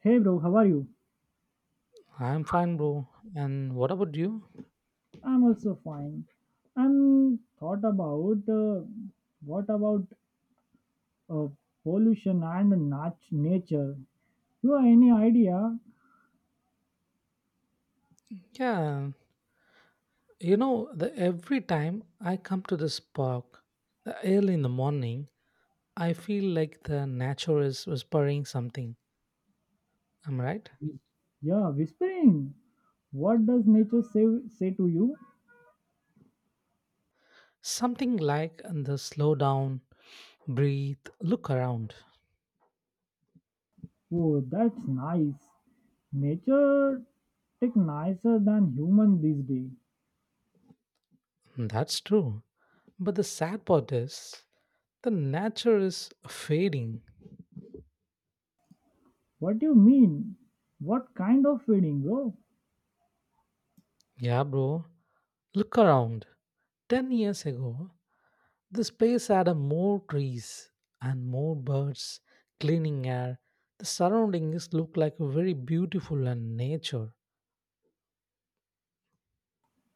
Hey bro, how are you? I'm fine, bro. And what about you? I'm also fine. I'm thought about what about uh, pollution and nature? You have any idea? Yeah, you know, the every time I come to this park, the early in the morning, I feel like the nature is whispering something. Am I right? Yeah, whispering. What does nature say to you? Something like the slow down, breathe, look around. Oh, that's nice. Nature take nicer than human these days. That's true. But the sad part is the nature is fading. What do you mean? What kind of feeling, bro? Yeah, bro. Look around. 10 years ago, the space had a more trees and more birds, cleaning air. The surroundings look like very beautiful and nature.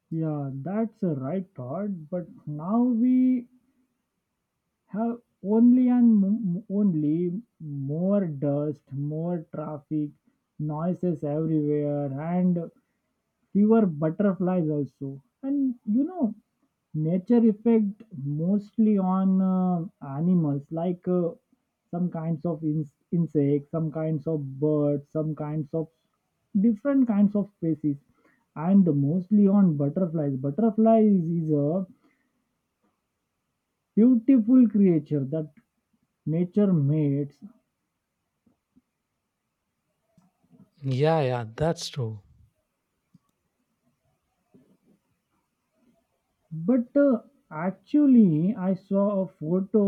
Yeah, that's a right thought. But now we have only more dust, more traffic, noises everywhere, and fewer butterflies also. And nature effect mostly on animals like some kinds of insects, some kinds of birds, some kinds of different kinds of species, and mostly on butterflies. Butterflies is a beautiful creature that nature mates Yeah, yeah, that's true. but actually I saw a photo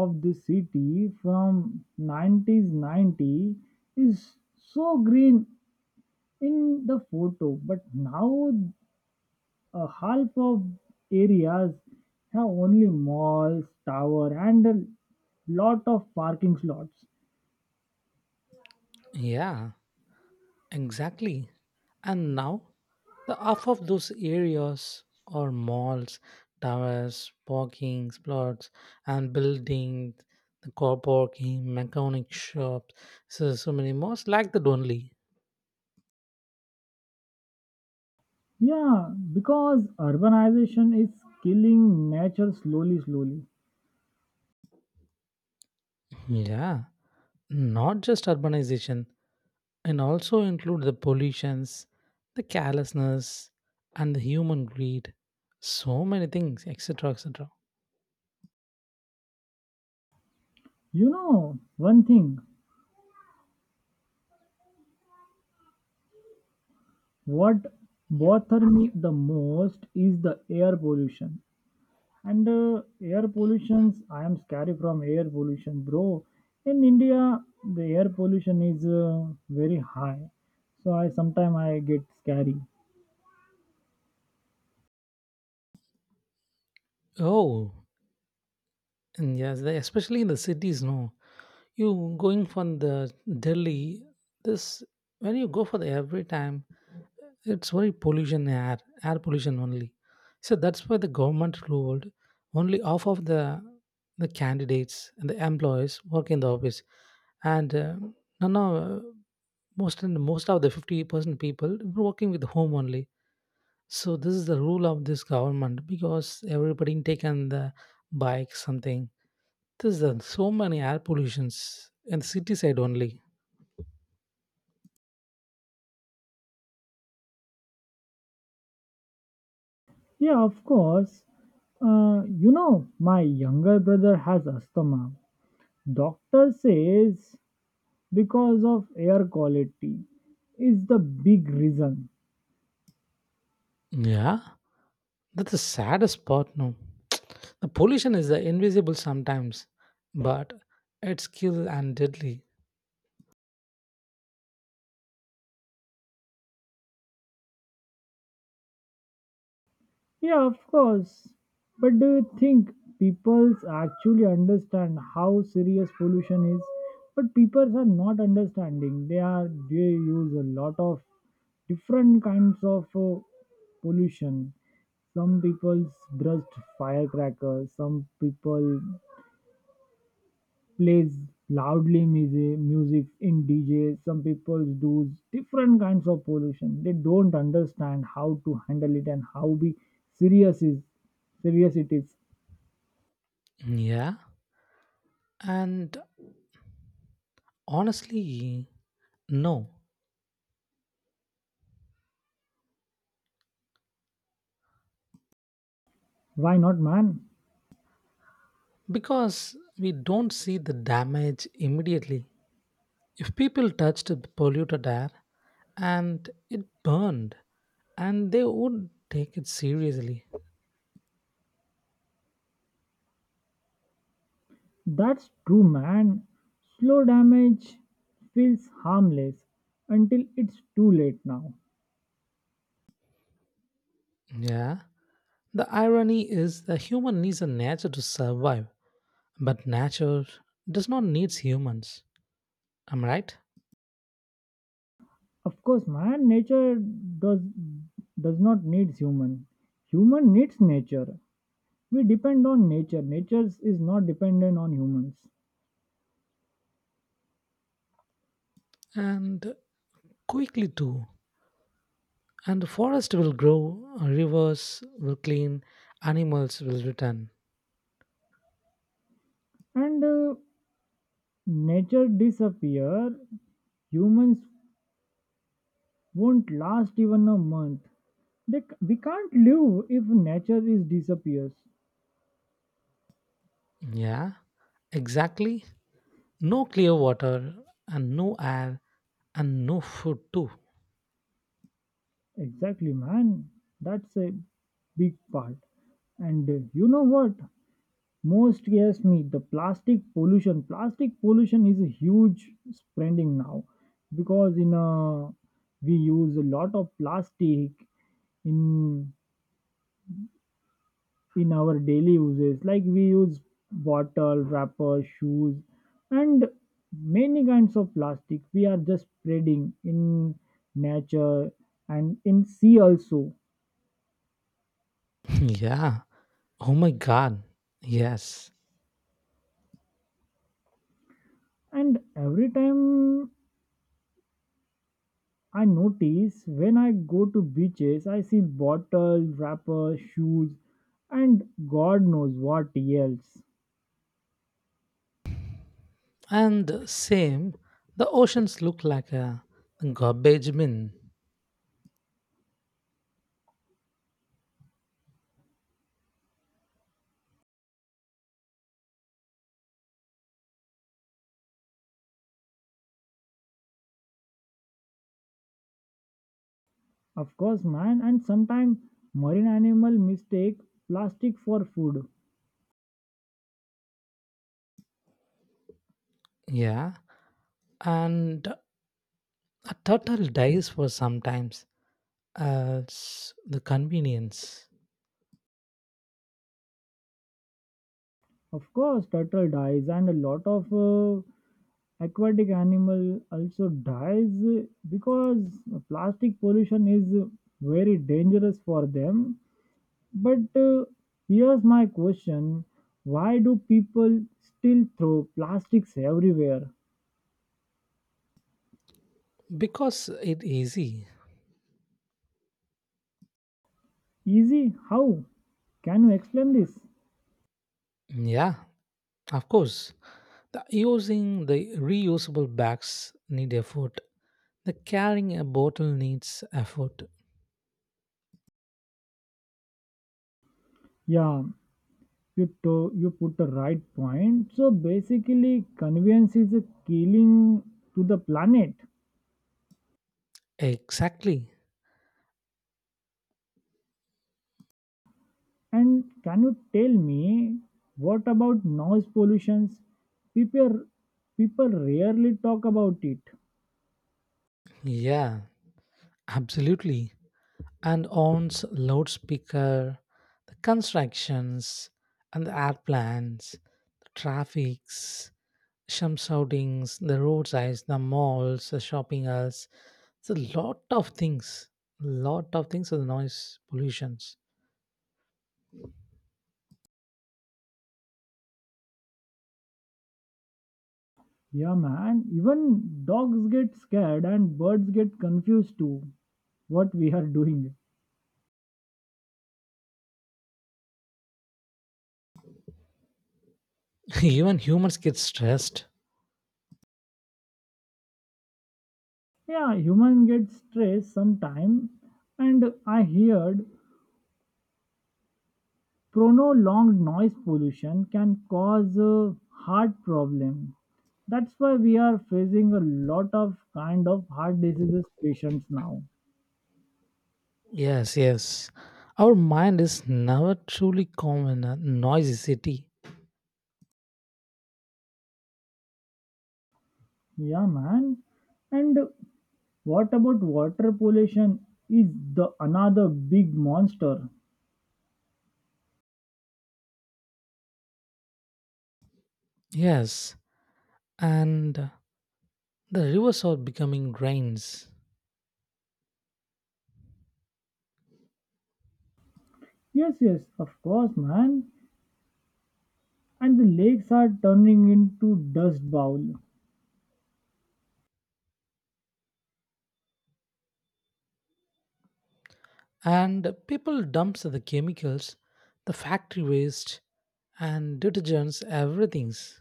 of the city from 90s 90 is so green in the photo but now half of areas have only malls tower and a lot of parking slots, Yeah, exactly. And now, the half of those areas are malls, towers, parking plots, and buildings, the car parking, mechanic shops. So many malls like that only. yeah, because urbanization is killing nature slowly slowly. Yeah, not just urbanization. And also include the pollutions, the carelessness, and the human greed. So many things, etc., etc. You know one thing, what bothers me the most is the air pollution. And air pollution, I am scared from air pollution, bro. In India, the air pollution is very high. So I sometimes I get scary. Oh, and yes, the, especially in the cities. No, you going from the Delhi. This when you go for the every time, it's very pollution air, air pollution only. So that's why the government ruled only half of the candidates and the employees work in the office, and no, no, most and most of the 50% people working with home only. So this is the rule of this government because everybody taken the bike something. There's so many air pollutions in the city side only. Yeah, of course. My younger brother has asthma. Doctor says because of air quality is the big reason. Yeah, that's the saddest part, no? The pollution is invisible sometimes, but it's kill and deadly. Yeah, of course. But do you think people actually understand how serious pollution is? But people are not understanding. They use a lot of different kinds of pollution. Some people brushed firecrackers. Some people plays loudly music in dj, some people do different kinds of pollution, they don't understand how to handle it and how be serious is serious it is Yeah, and honestly, no, Why not, man? because we don't see the damage immediately. If people touched the polluted air and it burned, and they would take it seriously. That's true, man. Slow damage feels harmless until it's too late now. Yeah. The irony is that human needs a nature to survive, but nature does not need humans. Am I right? Of course, man. Nature does does not need human. Human needs nature. We depend on nature. Nature is not dependent on humans. And quickly too. And the forest will grow, rivers will clean, animals will return. And nature disappear, humans won't last even a month. We can't live if nature is disappears. Yeah, exactly. No clear water and no air and no food too. Exactly, man. That's a big part. And you know what most scares me, the plastic pollution. Plastic pollution is a huge spreading now because in a we use a lot of plastic in in our daily uses, like we use bottle wrapper shoes and many kinds of plastic we are just spreading in nature and in sea also. Yeah. Oh my god, yes. And every time I notice, when I go to beaches I see bottle wrapper shoes and god knows what else. And same, the oceans look like a garbage bin. Of course, man. And sometimes marine animal mistake plastic for food. Yeah. And a turtle dies for sometimes as the convenience. Of course, turtle dies, and a lot of aquatic animal also dies because plastic pollution is very dangerous for them. But here's my question: Why do people still throw plastics everywhere? Because it easy. Easy? How? Can you explain this? Yeah, of course. The using the reusable bags need effort. The carrying a bottle needs effort. Yeah, you put the right point. So basically, convenience is a killing to the planet. Exactly. And can you tell me what about noise pollutions? People people rarely talk about it. Yeah, absolutely. And owns loudspeaker, the constructions and the airplanes, the traffics, some shoutings, the roadsides, the malls, the shopping halls. It's a lot of things. Lot of things are the noise pollutions. Yeah man, even dogs get scared and birds get confused too what we are doing. Even humans get stressed. Yeah, human get stressed sometime, and I heard prolonged noise pollution can cause a heart problem. That's why we are facing a lot of kind of heart diseases patients now. Yes, yes. our mind is never truly calm in a noisy city. Yeah, man. And what about water pollution? Is the another big monster? Yes, and the rivers are becoming drains. Yes, yes, of course, man. And the lakes are turning into dust bowl. And people dumps the chemicals, the factory waste, and detergents, everything's.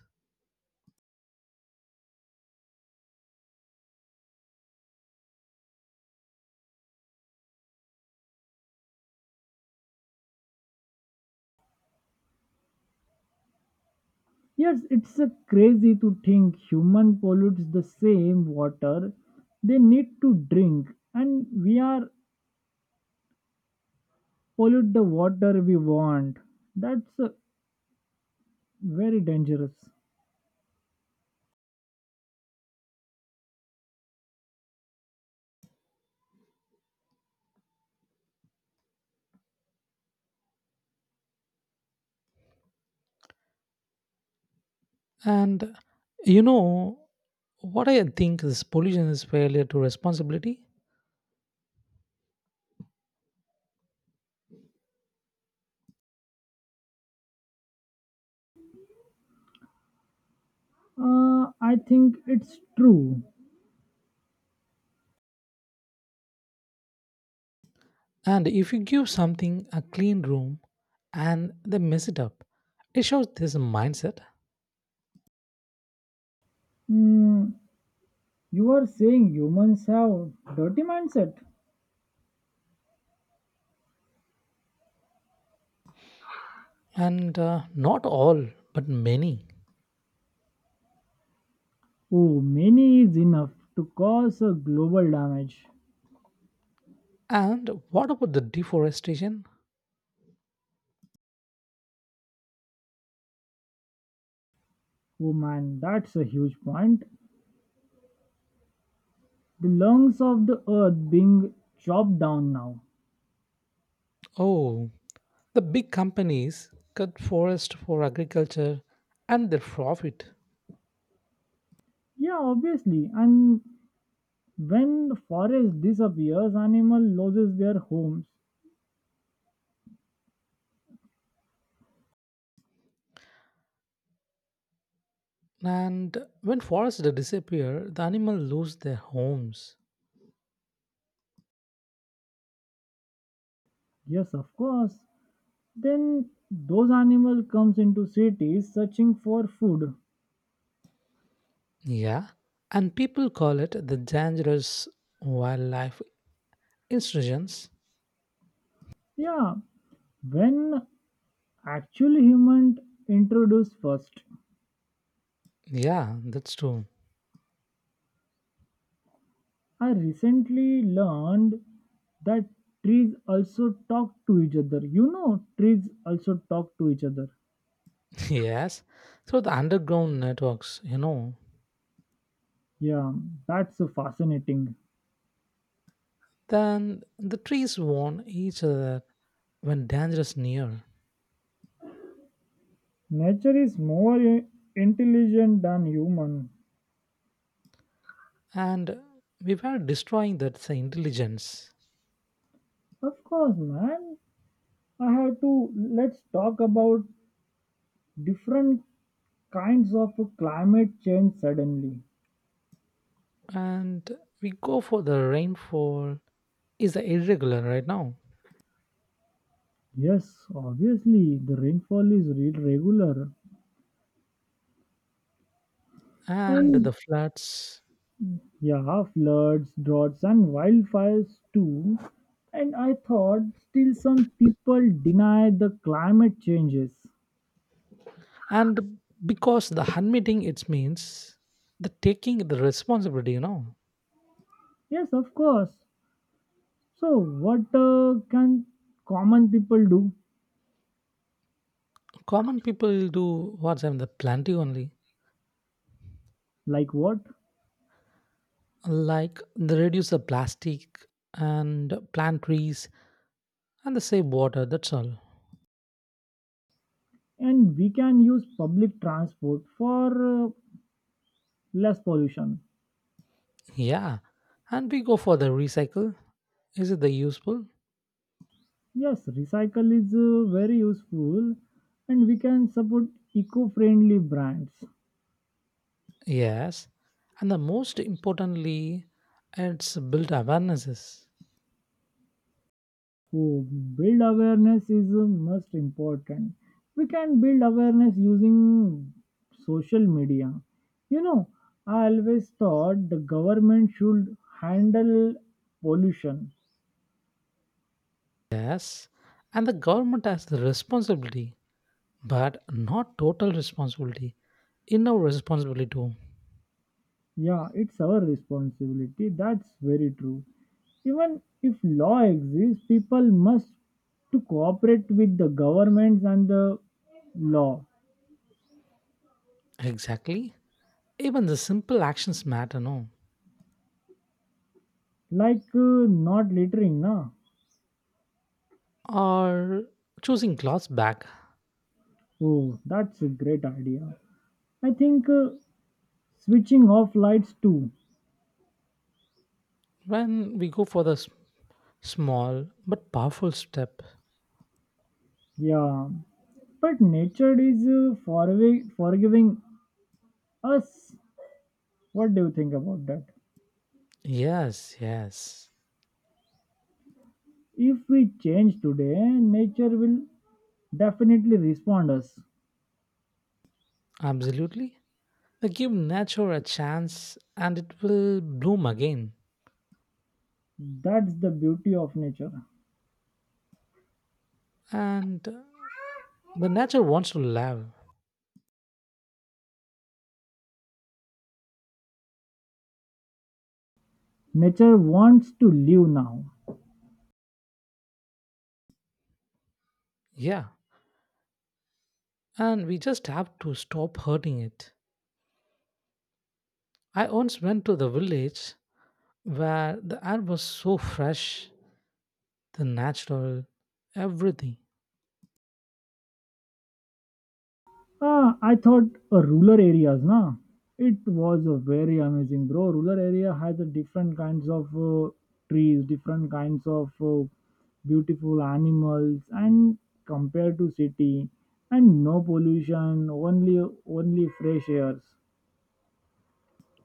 Yes, it's a crazy to think human pollutes the same water they need to drink, and we are pollute the water we want. That's very dangerous. And you know what I think is pollution is failure to responsibility. I think it's true. And if you give something a clean room and they mess it up, it shows there's a mindset. Hmm, you are saying humans have dirty mindset? And not all but many. Oh, many is enough to cause a global damage. And what about the deforestation? Oh man, that's a huge point. The lungs of the earth being chopped down now. Oh, the big companies cut forest for agriculture and their profit. Yeah, obviously. And when forest disappears, animal loses their homes. And when forests disappear, the animals lose their homes. Yes, of course. Then those animal comes into cities searching for food. Yeah. And people call it the dangerous wildlife institutions. Yeah, when actually human introduced first. Yeah, that's true. I recently learned that trees also talk to each other. You know, trees also talk to each other. Yes. Through the underground networks, you know. Yeah, that's fascinating. Then the trees warn each other when dangerous near. Nature is more intelligent than human. And we were destroying that intelligence. Of course, man. I have to let's talk about different kinds of climate change suddenly. And we go for the rainfall is irregular right now. Yes, obviously the rainfall is regular. And And the floods. yeah, floods, droughts, and wildfires too. And I thought still some people deny the climate changes. And because the admitting it means the taking the responsibility, you know. Yes, of course. So, what can common people do? Common people do what's in the planting only. Like what? Like they reduce the plastic and plant trees and they save water, that's all. And we can use public transport for less pollution. Yeah, and we go for the recycle, is it the useful? Yes, recycle is very useful, and we can support eco friendly brands. Yes, and the most importantly, it's built awarenesses. Oh, build awareness is most important. We can build awareness using social media. You know i always thought the government should handle pollution. Yes, and the government has the responsibility, but not total responsibility. In our responsibility too. Yeah, it's our responsibility, that's very true. Even if law exists, people must to cooperate with the governments and the law. Exactly. Even the simple actions matter, no? Like not littering, na. Or choosing clothes back Oh, that's a great idea. I think switching off lights too. when we go for the small but powerful step. Yeah, but nature is forgiving us. What do you think about that? Yes, yes, If we change today, nature will definitely respond us. absolutely. They give nature a chance and it will bloom again. That's the beauty of nature. And the nature wants to live. Nature wants to live now. Yeah. And we just have to stop hurting it. I once went to the village where the air was so fresh, the natural, everything. Ah, I thought rural areas, na. It was a very amazing, bro. Rural area has a different kinds of trees, different kinds of beautiful animals, and compared to city, and no pollution, only fresh airs.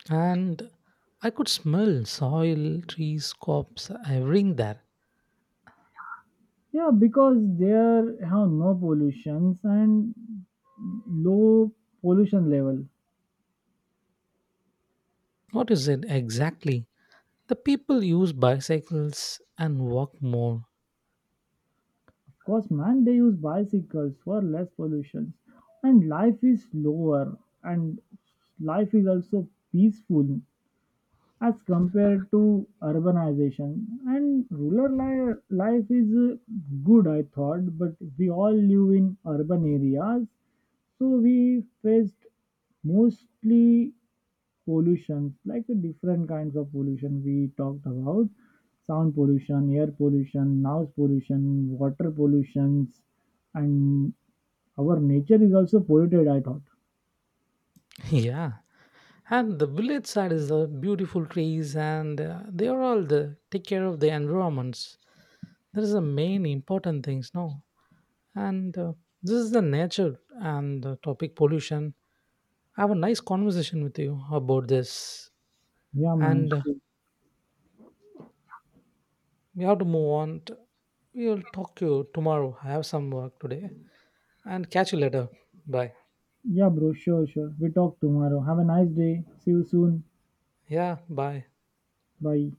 And I could smell soil, trees, crops, everything there. Yeah, because there have no pollutions and low pollution level. What is it exactly? The people use bicycles and walk more. Cause man, they use bicycles for less pollution, and life is slower, and life is also peaceful as compared to urbanization. And rural life is good, I thought, but we all live in urban areas, so we faced mostly pollutions, like the different kinds of pollution we talked about, sound pollution, air pollution, noise pollution, water pollutions, and our nature is also polluted, I thought. Yeah. And the village side is the beautiful trees and they are all the take care of the environments. That is the main important things now. And this is the nature and the topic pollution. I have a nice conversation with you about this. Yeah, man. And Sure. we have to move on. To, we'll talk to you tomorrow. I have some work today. And catch you later. Bye. Yeah, bro. Sure, sure. We talk tomorrow. Have a nice day. See you soon. Yeah, bye. Bye.